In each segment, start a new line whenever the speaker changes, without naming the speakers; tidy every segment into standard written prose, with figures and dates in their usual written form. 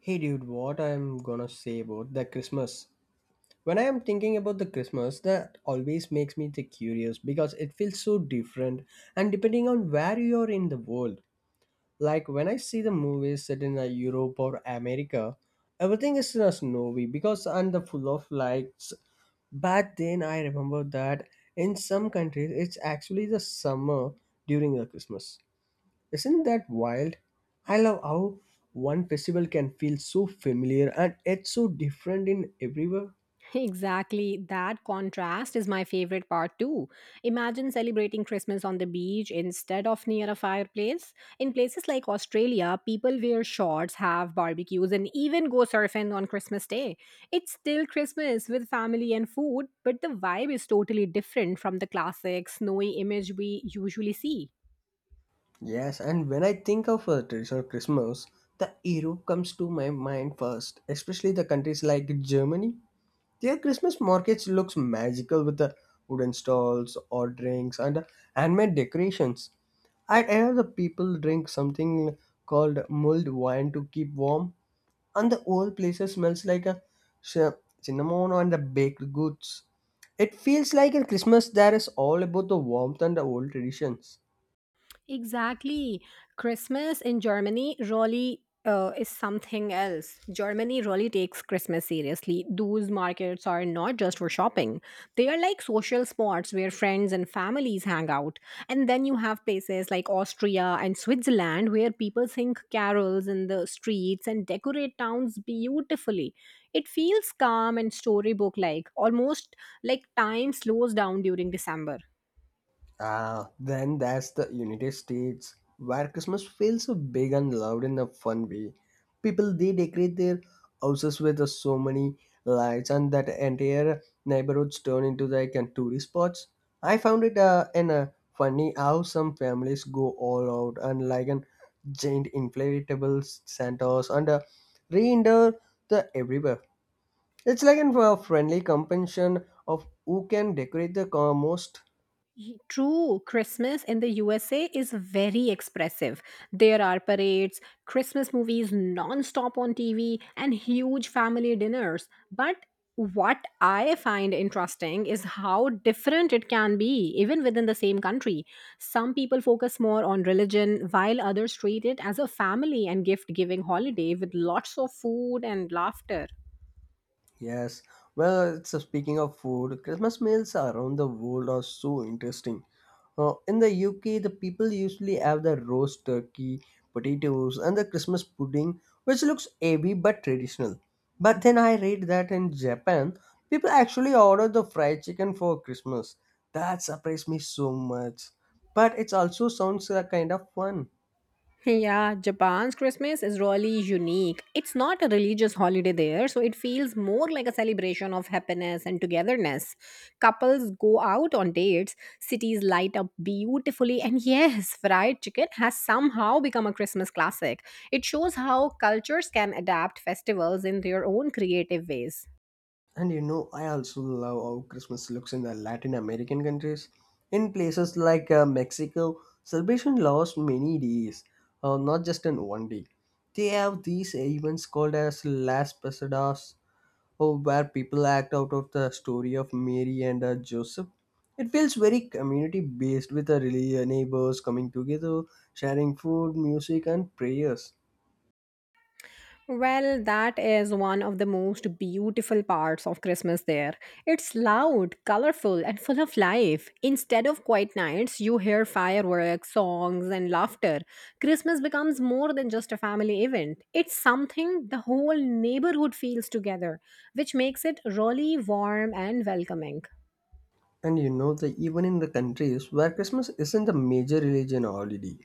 Hey dude, what I'm gonna say about the Christmas. When I am thinking about the Christmas, that always makes me the curious because it feels so different and depending on where you are in the world. Like when I see the movies set in Europe or America, everything is snowy because and the full of lights. Back then, I remember that in some countries it's actually the summer during the Christmas, isn't that wild? I love how one festival can feel so familiar and it's so different in everywhere.
Exactly. That contrast is my favorite part too. Imagine celebrating Christmas on the beach instead of near a fireplace. In places like Australia, people wear shorts, have barbecues, and even go surfing on Christmas Day. It's still Christmas with family and food, but the vibe is totally different from the classic snowy image we usually see.
Yes, and when I think of a traditional Christmas, the Europe comes to my mind first, especially the countries like Germany. Their Christmas markets looks magical with the wooden stalls or drinks and handmade decorations. I hear the people drink something called mulled wine to keep warm and the whole place smells like a sh- cinnamon and the baked goods. It feels like at Christmas there is all about the warmth and the old traditions.
Exactly. Christmas in Germany really is something else. Germany really takes Christmas seriously. Those markets are not just for shopping, they are like social spots where friends and families hang out. And then you have places like Austria and Switzerland where people sing carols in the streets and decorate towns beautifully. It feels calm and storybook like, almost like time slows down during December.
Ah, then that's the United States, where Christmas feels so big and loud in a fun way. People they decorate their houses with so many lights, and that entire neighborhoods turn into like a tourist spots. I found it in a funny how some families go all out and like an giant inflatable Santas and a reindeer the everywhere. It's like a friendly competition of who can decorate the car most.
True, Christmas in the USA is very expressive. There are parades, Christmas movies non-stop on TV, and huge family dinners. But what I find interesting is how different it can be, even within the same country. Some people focus more on religion, while others treat it as a family and gift-giving holiday with lots of food and laughter.
Yes, well, it's speaking of food, Christmas meals around the world are so interesting. In the UK, the people usually have the roast turkey, potatoes, and the Christmas pudding, which looks heavy but traditional. But then I read that in Japan, people actually order the fried chicken for Christmas. That surprised me so much. But it also sounds kind of fun.
Yeah, Japan's Christmas is really unique. It's not a religious holiday there, so it feels more like a celebration of happiness and togetherness. Couples go out on dates, cities light up beautifully, and yes, fried chicken has somehow become a Christmas classic. It shows how cultures can adapt festivals in their own creative ways.
I also love how Christmas looks in the Latin American countries. In places like Mexico, celebration lasts many days, not just in one day. They have these events called as Las Pasadas, oh, where people act out of the story of Mary and Joseph. It feels very community based with the neighbors coming together, sharing food, music, and prayers.
Well, that is one of the most beautiful parts of Christmas there. It's loud, colorful, and full of life. Instead of quiet nights, you hear fireworks, songs, and laughter. Christmas becomes more than just a family event, it's something the whole neighborhood feels together, which makes it really warm and welcoming.
And you know that even in the countries where Christmas isn't a major religion holiday,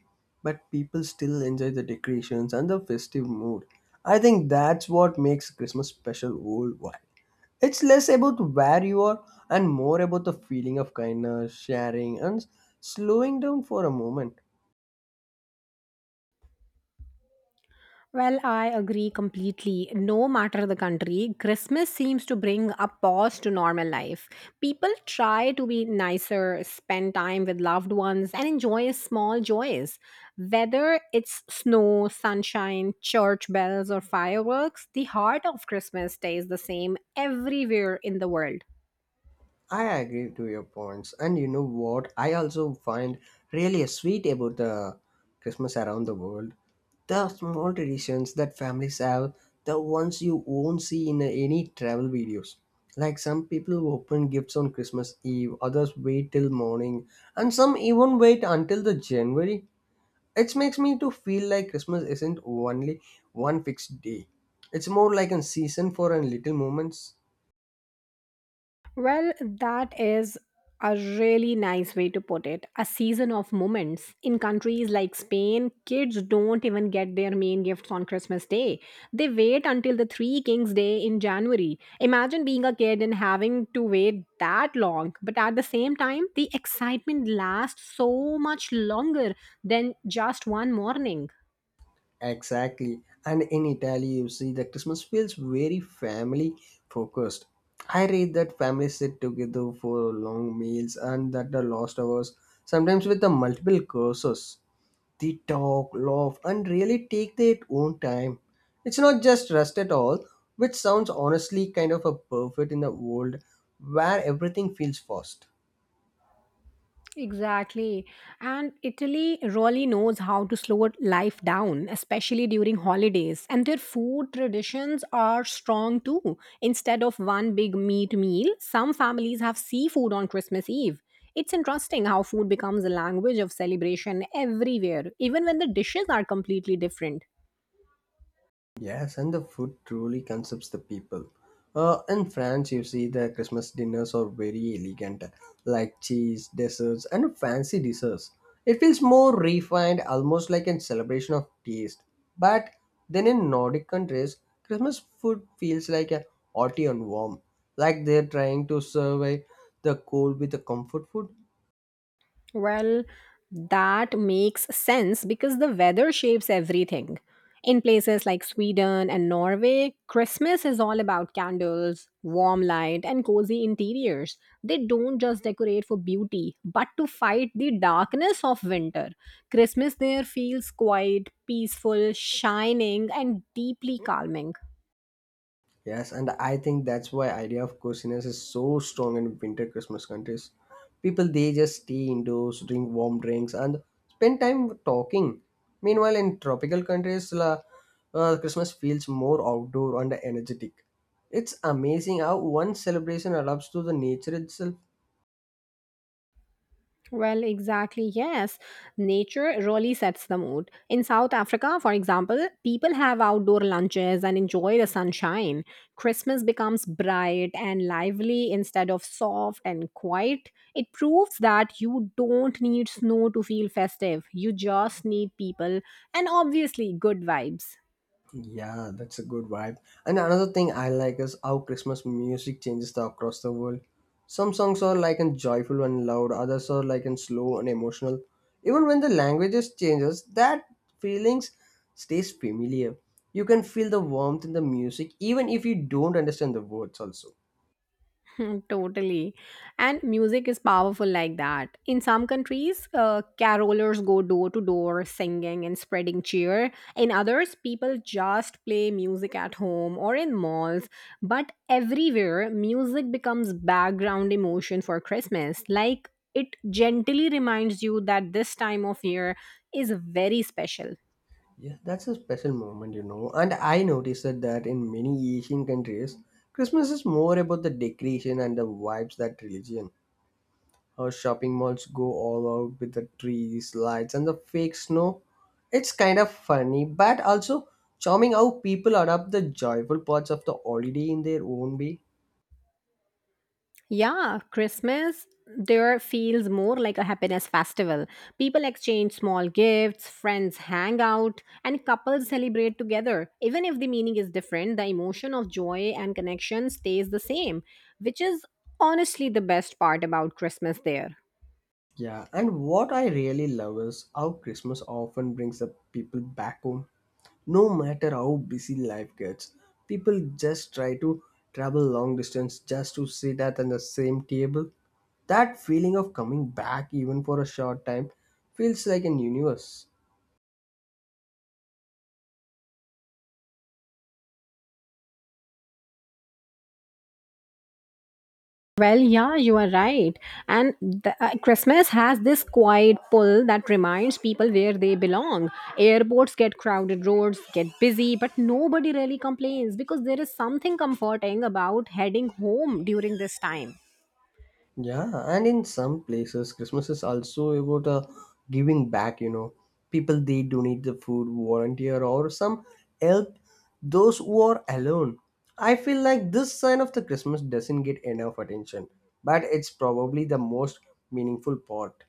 but people still enjoy the decorations and the festive mood. I think that's what makes Christmas special worldwide. It's less about where you are and more about the feeling of kindness, sharing, and slowing down for a moment.
Well, I agree completely. No matter the country, Christmas seems to bring a pause to normal life. People try to be nicer, spend time with loved ones, and enjoy small joys. Whether it's snow, sunshine, church bells, or fireworks, the heart of Christmas stays the same everywhere in the world.
I agree to your points. And you know what? I also find really sweet about the Christmas around the world. The small traditions that families have, the ones you won't see in any travel videos. Like some people open gifts on Christmas Eve, others wait till morning, and some even wait until the January. It makes me to feel like Christmas isn't only one fixed day. It's more like a season for a little moments.
Well, that is a really nice way to put it. A season of moments. In countries like Spain, kids don't even get their main gifts on Christmas Day. They wait until the Three Kings Day in January. Imagine being a kid and having to wait that long. But at the same time, the excitement lasts so much longer than just one morning.
Exactly. And in Italy, you see the Christmas feels very family focused. I read that families sit together for long meals and that the lost hours, sometimes with the multiple courses. They talk, laugh, and really take their own time. It's not just rest at all, which sounds honestly kind of a perfect in a world where everything feels fast.
Exactly. And Italy really knows how to slow life down, especially during holidays. And their food traditions are strong too. Instead of one big meat meal, some families have seafood on Christmas Eve. It's interesting how food becomes a language of celebration everywhere, even when the dishes are completely different.
Yes, and the food truly concepts the people. In France, you see the Christmas dinners are very elegant, like cheese, desserts, and fancy desserts. It feels more refined, almost like a celebration of taste. But then in Nordic countries, Christmas food feels like a hearty and warm, like they're trying to survey the cold with a comfort food.
Well, that makes sense because the weather shapes everything. In places like Sweden and Norway, Christmas is all about candles, warm light, and cozy interiors. They don't just decorate for beauty, but to fight the darkness of winter. Christmas there feels quiet, peaceful, shining, and deeply calming.
Yes, and I think that's why idea of coziness is so strong in winter Christmas countries. People they just stay indoors, drink warm drinks, and spend time talking. Meanwhile, in tropical countries, Christmas feels more outdoor and energetic. It's amazing how one celebration adapts to the nature itself.
Well, exactly, yes. Nature really sets the mood. In South Africa, for example, people have outdoor lunches and enjoy the sunshine. Christmas becomes bright and lively instead of soft and quiet. It proves that you don't need snow to feel festive, you just need people and obviously good vibes.
Yeah, that's a good vibe. And another thing I like is how Christmas music changes across the world. Some songs are like and joyful and loud, others are like and slow and emotional. Even when the languages changes, that feelings stays familiar. You can feel the warmth in the music even if you don't understand the words also.
totally. And music is powerful like that. In some countries, carolers go door to door singing and spreading cheer. In others, people just play music at home or in malls. But everywhere, music becomes background emotion for Christmas. Like it gently reminds you that this time of year is very special.
Yeah, that's a special moment. And I noticed that in many Asian countries, Christmas is more about the decoration and the vibes that religion. Shopping malls go all out with the trees, lights, and the fake snow. It's kind of funny, but also charming how people adapt the joyful parts of the holiday in their own way.
Yeah, Christmas there feels more like a happiness festival. People exchange small gifts, friends hang out, and couples celebrate together. Even if the meaning is different, the emotion of joy and connection stays the same, which is honestly the best part about Christmas there.
Yeah, and what I really love is how Christmas often brings the people back home. No matter how busy life gets, people just try to travel long distance just to sit at the same table. That feeling of coming back even for a short time feels like an universe.
Well, yeah, you are right. And the, Christmas has this quiet pull that reminds people where they belong. Airports get crowded, roads get busy, but nobody really complains because there is something comforting about heading home during this time.
Yeah, and in some places, Christmas is also about giving back. People they donate the food, volunteer, or some help those who are alone. I feel like this sign of the Christmas doesn't get enough attention, but it's probably the most meaningful part.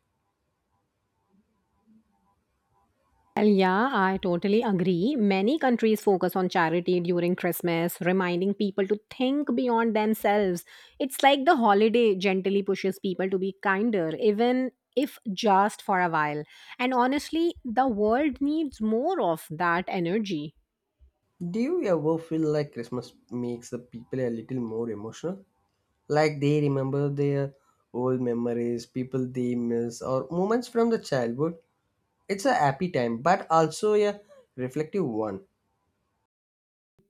Well, yeah, I totally agree. Many countries focus on charity during Christmas, reminding people to think beyond themselves. It's like the holiday gently pushes people to be kinder, even if just for a while. And honestly, the world needs more of that energy.
Do you ever feel like Christmas makes the people a little more emotional? Like they remember their old memories, people they miss, or moments from the childhood. It's a happy time but also a reflective one.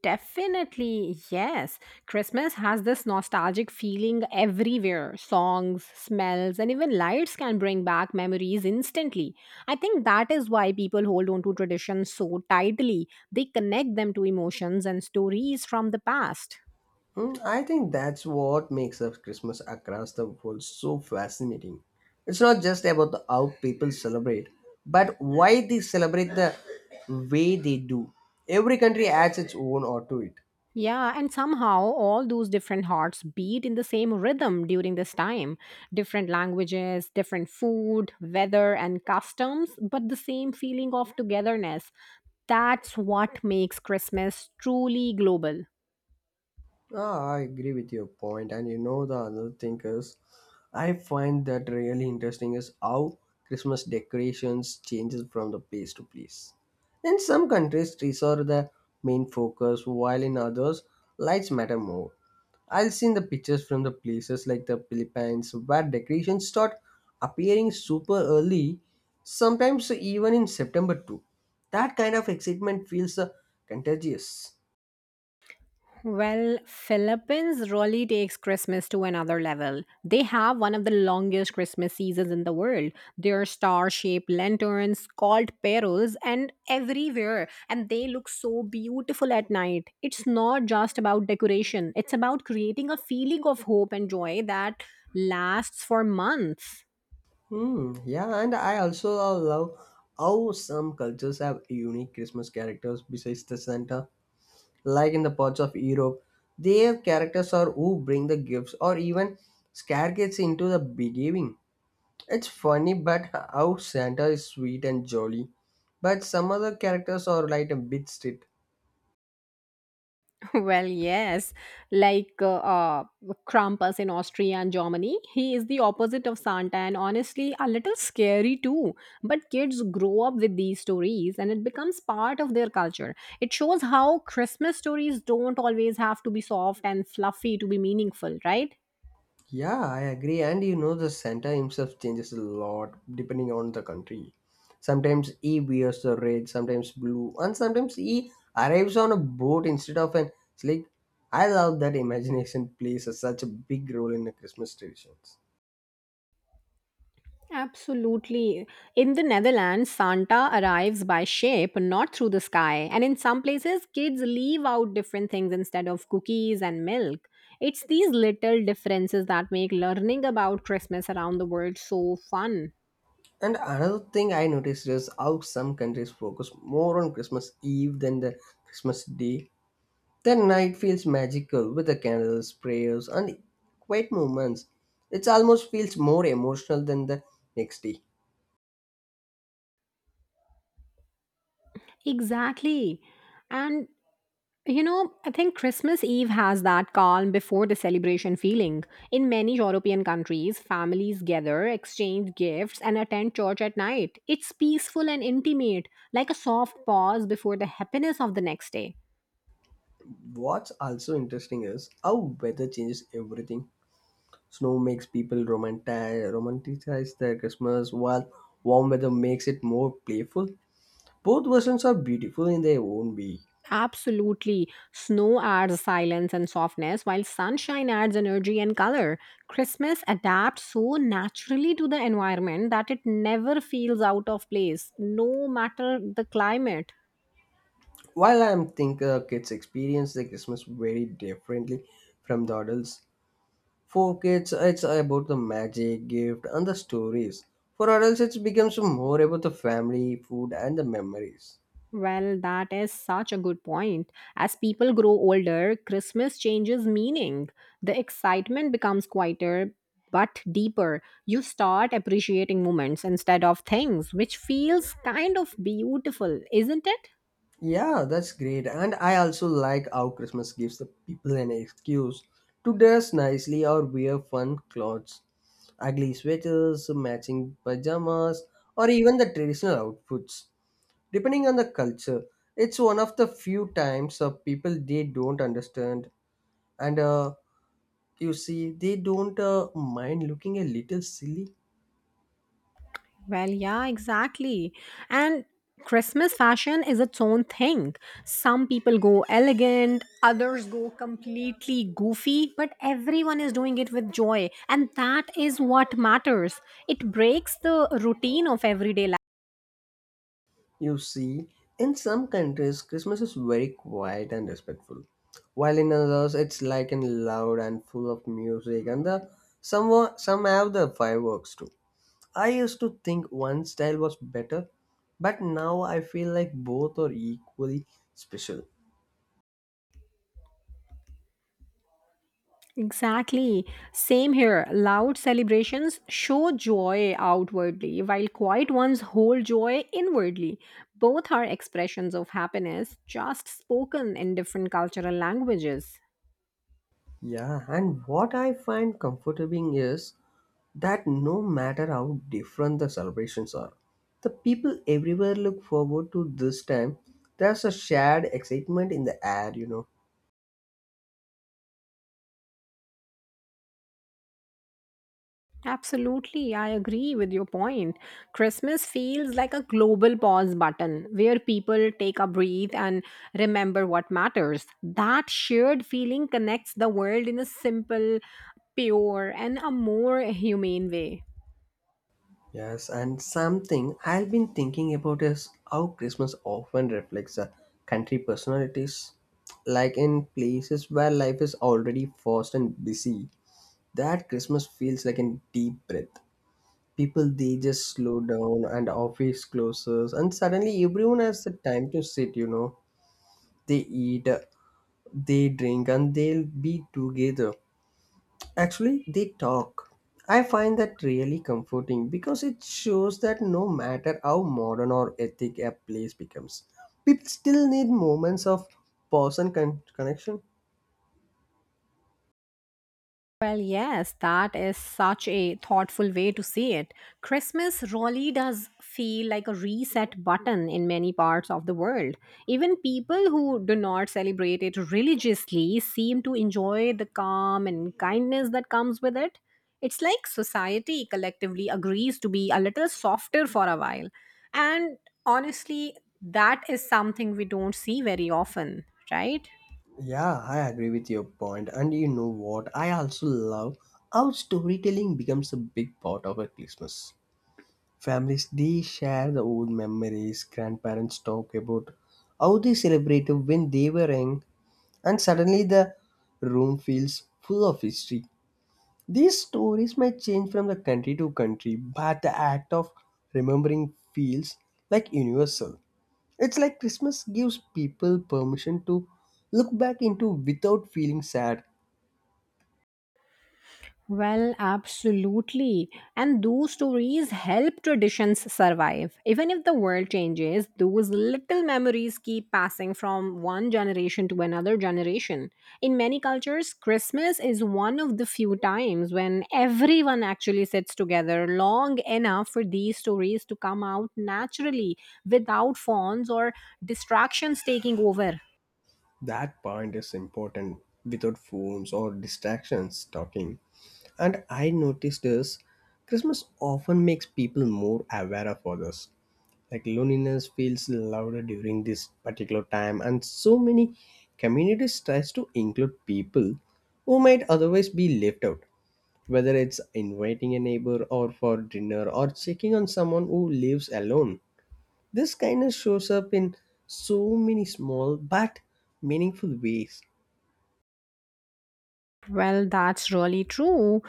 Definitely, yes. Christmas has this nostalgic feeling everywhere. Songs, smells, and even lights can bring back memories instantly. I think that is why people hold on to traditions so tightly. They connect them to emotions and stories from the past.
Hmm, I think that's what makes up Christmas across the world so fascinating. It's not just about the, how people celebrate but why they celebrate the way they do. Every country adds its own or to it.
Yeah, and somehow all those different hearts beat in the same rhythm during this time. Different languages, different food, weather, and customs, but the same feeling of togetherness. That's what makes Christmas truly global.
Ah, I agree with your point, and you know the other thing is, I find that really interesting is how Christmas decorations changes from the place to place. In some countries, trees are the main focus, while in others, lights matter more. I've seen the pictures from the places like the Philippines where decorations start appearing super early, sometimes even in September too. That kind of excitement feels contagious.
Well, Philippines really takes Christmas to another level. They have one of the longest Christmas seasons in the world. Their star-shaped lanterns called pearls and everywhere and they look so beautiful at night. It's not just about decoration. It's about creating a feeling of hope and joy that lasts for months.
Hmm, yeah, and I also love how some cultures have unique Christmas characters besides the Santa. Like in the parts of Europe, their characters are who bring the gifts or even scare kids into the behaving. It's funny, but how Santa is sweet and jolly. But some other characters are like a bit strict.
Well, yes, like Krampus in Austria and Germany, he is the opposite of Santa and honestly a little scary too. But kids grow up with these stories and it becomes part of their culture. It shows how Christmas stories don't always have to be soft and fluffy to be meaningful, right?
Yeah, I agree. The Santa himself changes a lot depending on the country. Sometimes he wears the red, sometimes blue, and sometimes he arrives on a boat instead of an slick. I love that imagination plays such a big role in the Christmas traditions.
Absolutely. In the Netherlands, Santa arrives by ship, not through the sky. And in some places, kids leave out different things instead of cookies and milk. It's these little differences that make learning about Christmas around the world so fun.
And another thing I noticed is how some countries focus more on Christmas Eve than the Christmas Day. The night feels magical with the candles, prayers, and quiet moments. It almost feels more emotional than the next day.
Exactly. And you know, I think Christmas Eve has that calm before the celebration feeling. In many European countries, families gather, exchange gifts, and attend church at night. It's peaceful and intimate, like a soft pause before the happiness of the next day.
What's also interesting is how weather changes everything. Snow makes people romanticize their Christmas, while warm weather makes it more playful. Both versions are beautiful in their own way.
Absolutely. Snow adds silence and softness, while sunshine adds energy and color. Christmas adapts so naturally to the environment that it never feels out of place, no matter the climate.
While I am think kids experience the Christmas very differently from the adults. For kids, it's about the magic, gift, and the stories. For adults, it becomes more about the family, food, and the memories.
Well, that is such a good point. As people grow older, Christmas changes meaning. The excitement becomes quieter but deeper. You start appreciating moments instead of things, which feels kind of beautiful, isn't it?
Yeah, that's great. And I also like how Christmas gives the people an excuse to dress nicely or wear fun clothes. Ugly sweaters, matching pajamas, or even the traditional outfits. Depending on the culture, it's one of the few times of people they don't understand and you see they don't mind looking a little silly.
Well, yeah, exactly. And Christmas fashion is its own thing. Some people go elegant, others go completely goofy, but everyone is doing it with joy. And that is what matters. It breaks the routine of everyday life.
You see in some countries Christmas is very quiet and respectful while in others it's like and loud and full of music and the some some have the fireworks too. I used to think one style was better but now I feel like both are equally special.
Exactly. Same here. Loud celebrations show joy outwardly, while quiet ones hold joy inwardly. Both are expressions of happiness, just spoken in different cultural languages.
Yeah, and what I find comforting is that no matter how different the celebrations are, the people everywhere look forward to this time. There's a shared excitement in the air.
Absolutely, I agree with your point. Christmas feels like a global pause button where people take a breath and remember what matters. That shared feeling connects the world in a simple, pure, and a more humane way.
Yes, and something I've been thinking about is how Christmas often reflects a country personalities. Like in places where life is already fast and busy, that Christmas feels like a deep breath. People they just slow down and office closes and suddenly everyone has the time to sit, they eat they drink and they'll be together actually they talk. I find that really comforting because it shows that no matter how modern or ethic a place becomes people still need moments of person connection.
Well, yes, that is such a thoughtful way to see it. Christmas really does feel like a reset button in many parts of the world. Even people who do not celebrate it religiously seem to enjoy the calm and kindness that comes with it. It's like society collectively agrees to be a little softer for a while. And honestly, that is something we don't see very often, right?
Yeah, I agree with your point. And you know what? I also love how storytelling becomes a big part of a Christmas. Families they share the old memories. Grandparents talk about how they celebrated when they were young, and suddenly the room feels full of history. These stories might change from the country to country, but the act of remembering feels like universal. It's like Christmas gives people permission to look back into without feeling sad.
Well, absolutely. And those stories help traditions survive. Even if the world changes, those little memories keep passing from one generation to another generation. In many cultures, Christmas is one of the few times when everyone actually sits together long enough for these stories to come out naturally without phones or distractions taking over.
That point is important without phones or distractions talking. And I noticed this Christmas often makes people more aware of others. Like loneliness feels louder during this particular time, and so many communities tries to include people who might otherwise be left out. Whether it's inviting a neighbor or for dinner or checking on someone who lives alone. This kindness shows up in so many small but meaningful ways.
Well, that's really true.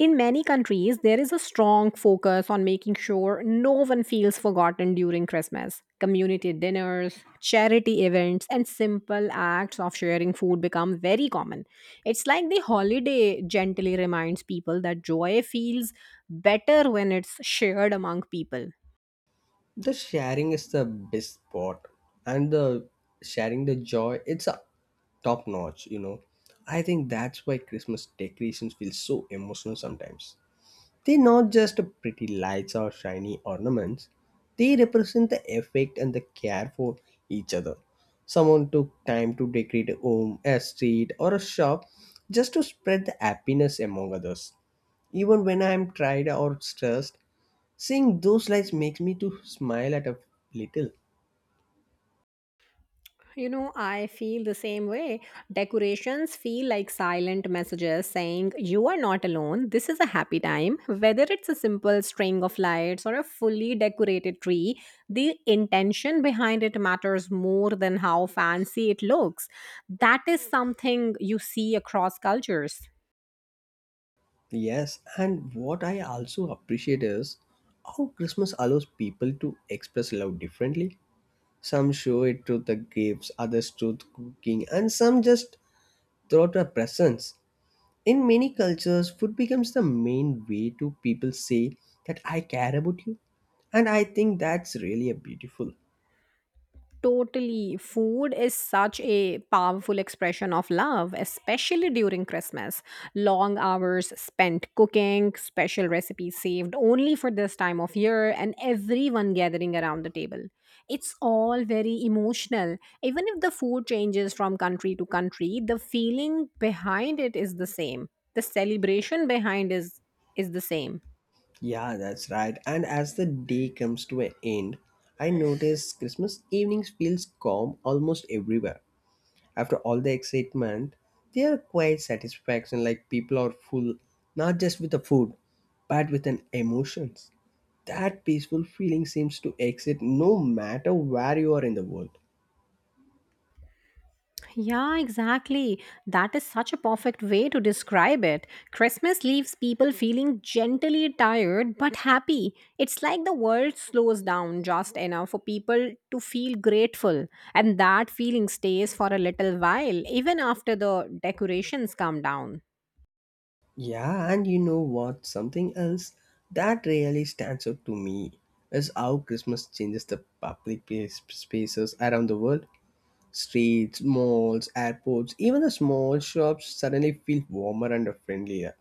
In many countries, there is a strong focus on making sure no one feels forgotten during Christmas. Community dinners, charity events, and simple acts of sharing food become very common. It's like the holiday gently reminds people that joy feels better when it's shared among people.
The sharing is the best part, and the sharing the joy, it's a top notch. I think that's why Christmas decorations feel so emotional sometimes. They're not just pretty lights or shiny ornaments, they represent the effect and the care for each other. Someone took time to decorate a home, a street, or a shop, just to spread the happiness among others. Even when I'm tired or stressed, seeing those lights makes me to smile at a little.
You know, I feel the same way. Decorations feel like silent messages saying, "You are not alone. This is a happy time." Whether it's a simple string of lights or a fully decorated tree, the intention behind it matters more than how fancy it looks. That is something you see across cultures.
Yes, and what I also appreciate is how Christmas allows people to express love differently. Some show it through the gifts, others through the cooking, and some just through the presents. In many cultures, food becomes the main way to people say that I care about you, and I think that's really a beautiful.
Totally. Food is such a powerful expression of love, especially during Christmas. Long hours spent cooking, special recipes saved only for this time of year, and everyone gathering around the table. It's all very emotional. Even if the food changes from country to country, the feeling behind it is the same. The celebration behind is the same.
Yeah, that's right. And as the day comes to an end, I notice Christmas evenings feels calm almost everywhere. After all the excitement, there are quite satisfaction like people are full, not just with the food, but with an emotions. That peaceful feeling seems to exist no matter where you are in the world.
Yeah, exactly. That is such a perfect way to describe it. Christmas leaves people feeling gently tired but happy. It's like the world slows down just enough for people to feel grateful, and that feeling stays for a little while, even after the decorations come down.
Yeah, and you know what? Something else that really stands out to me is how Christmas changes the public place- spaces around the world. Streets, malls, airports, even the small shops suddenly feel warmer and friendlier.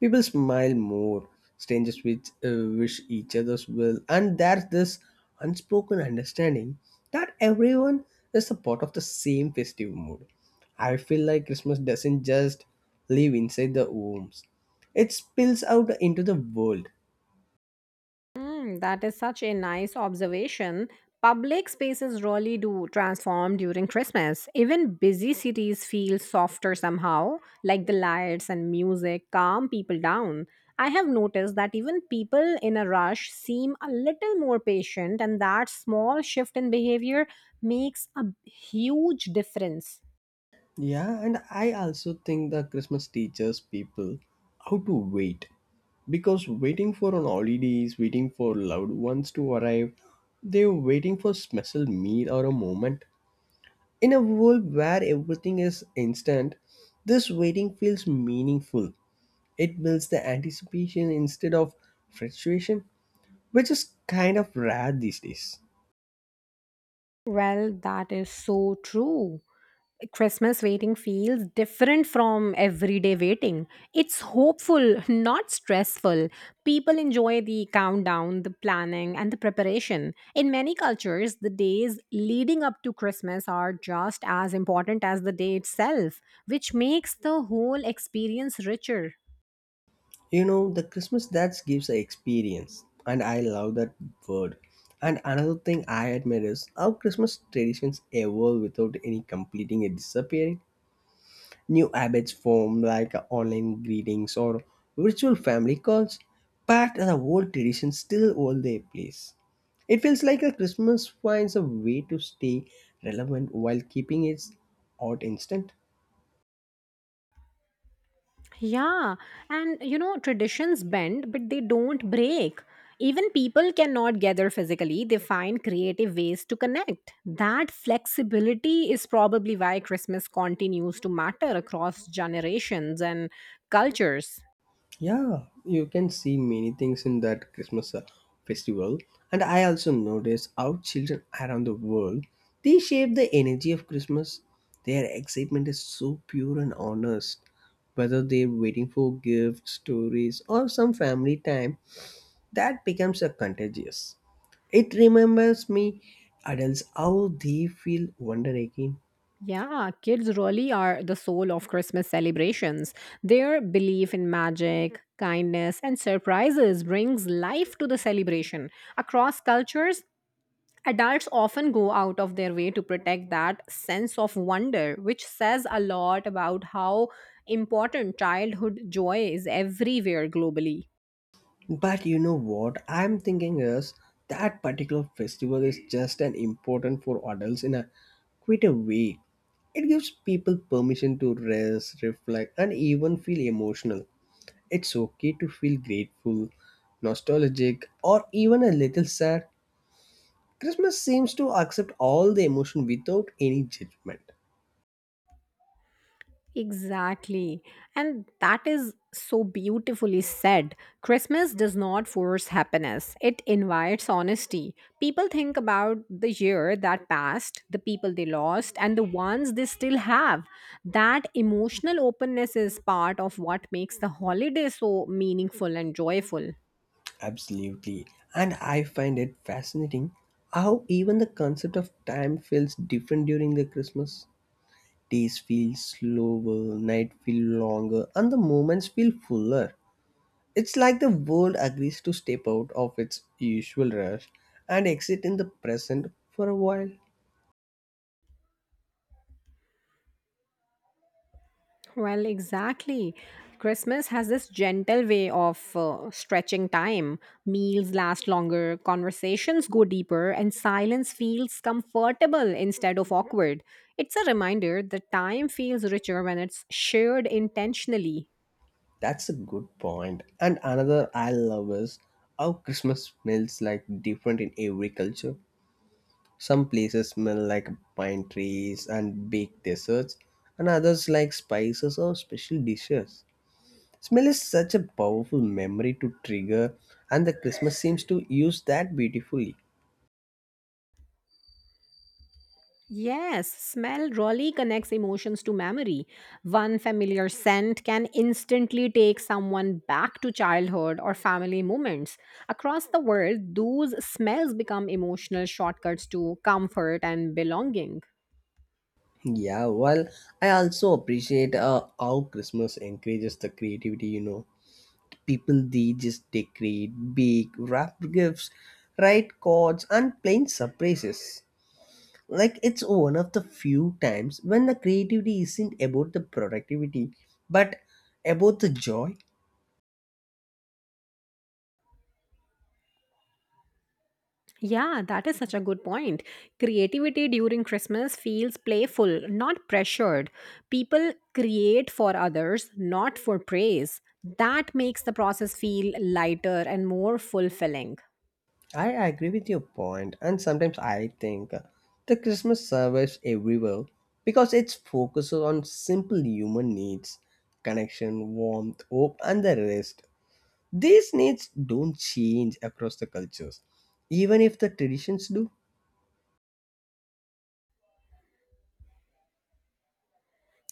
People smile more, strangers with, wish each other's well, and there's this unspoken understanding that everyone is a part of the same festive mood. I feel like Christmas doesn't just live inside the homes, it spills out into the world.
Mm, that is such a nice observation. Public spaces really do transform during Christmas. Even busy cities feel softer somehow, like the lights and music calm people down. I have noticed that even people in a rush seem a little more patient, and that small shift in behavior makes a huge difference.
Yeah, and I also think that Christmas teaches people how to wait, because waiting for on holidays, waiting for loved ones to arrive, they're waiting for special meal or a moment. In a world where everything is instant, this waiting feels meaningful. It builds the anticipation instead of frustration, which is kind of rare these days.
Well, that is so true. Christmas waiting feels different from everyday waiting. It's hopeful, not stressful. People enjoy the countdown, the planning, and the preparation. In many cultures, the days leading up to Christmas are just as important as the day itself, which makes the whole experience richer.
You know, the Christmas that gives an experience, and I love that word. And another thing I admire is how Christmas traditions evolve without any completing and disappearing. New habits form, like online greetings or virtual family calls, but the old traditions still hold their place. It feels like a Christmas finds a way to stay relevant while keeping its art instant.
Yeah, and you know, traditions bend, but they don't break. Even people cannot gather physically, they find creative ways to connect. That flexibility is probably why Christmas continues to matter across generations and cultures.
Yeah, you can see many things in that Christmas festival. And I also notice how children around the world, they shape the energy of Christmas. Their excitement is so pure and honest. Whether they're waiting for gifts, stories, or some family time, that becomes a contagious. It remembers me adults how they feel wonder again.
Yeah, kids really are the soul of Christmas celebrations. Their belief in magic, kindness, and surprises brings life to the celebration. Across cultures, adults often go out of their way to protect that sense of wonder, which says a lot about how important childhood joy is everywhere globally.
But you know what I'm thinking is that particular festival is just an important for adults in a quite a way. It gives people permission to rest, reflect, and even feel emotional. It's okay to feel grateful, nostalgic, or even a little sad. Christmas seems to accept all the emotion without any judgment.
Exactly. And that is so beautifully said. Christmas does not force happiness, it invites honesty. People think about the year that passed, the people they lost, and the ones they still have. That emotional openness is part of what makes the holiday so meaningful and joyful.
Absolutely. And I find it fascinating how even the concept of time feels different during the Christmas. Days feel slower, night feel longer, and the moments feel fuller. It's like the world agrees to step out of its usual rush and exit in the present for a while.
Well, exactly. Christmas has this gentle way of stretching time. Meals last longer, conversations go deeper, and silence feels comfortable instead of awkward. It's a reminder that time feels richer when it's shared intentionally.
That's a good point. And another I love is how Christmas smells like different in every culture. Some places smell like pine trees and baked desserts, and others like spices or special dishes. Smell is such a powerful memory to trigger, and the Christmas seems to use that beautifully.
Yes, smell really connects emotions to memory. One familiar scent can instantly take someone back to childhood or family moments. Across the world, those smells become emotional shortcuts to comfort and belonging.
Yeah, well, I also appreciate how Christmas encourages the creativity. You know, people they just decorate, bake, wrap gifts, write cards, and plan surprises. Like it's one of the few times when the creativity isn't about the productivity, but about the joy.
Yeah, that is such a good point. Creativity during Christmas feels playful, not pressured. People create for others, not for praise. That makes the process feel lighter and more fulfilling.
I agree with your point, and sometimes I think the Christmas survives everywhere because it focuses on simple human needs: connection, warmth, hope, and the rest. These needs don't change across the cultures, even if the traditions do.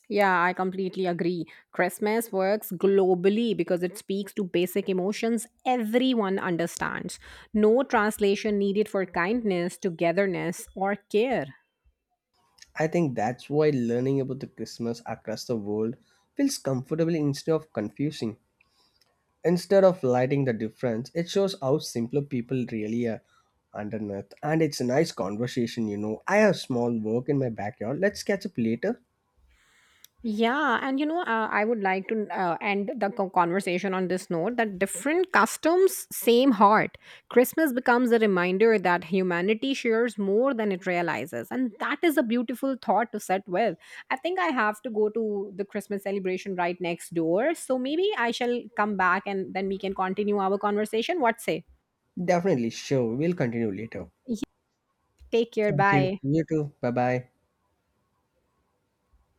Yeah, I completely agree. Christmas works globally because it speaks to basic emotions everyone understands. No translation needed for kindness, togetherness, or care.
I think that's why learning about the Christmas across the world feels comfortable instead of confusing. Instead of lighting the difference, it shows how simpler people really are underneath. And it's a nice conversation, you know. I have small work in my backyard. Let's catch up later.
Yeah, and you know, I would like to end the conversation on this note that different customs, same heart. Christmas becomes a reminder that humanity shares more than it realizes. And that is a beautiful thought to set with. I think I have to go to the Christmas celebration right next door. So maybe I shall come back and then we can continue our conversation. What say?
Definitely, sure. We'll continue later.
Yeah, take care.
Thank you.
Bye.
You too. Bye bye.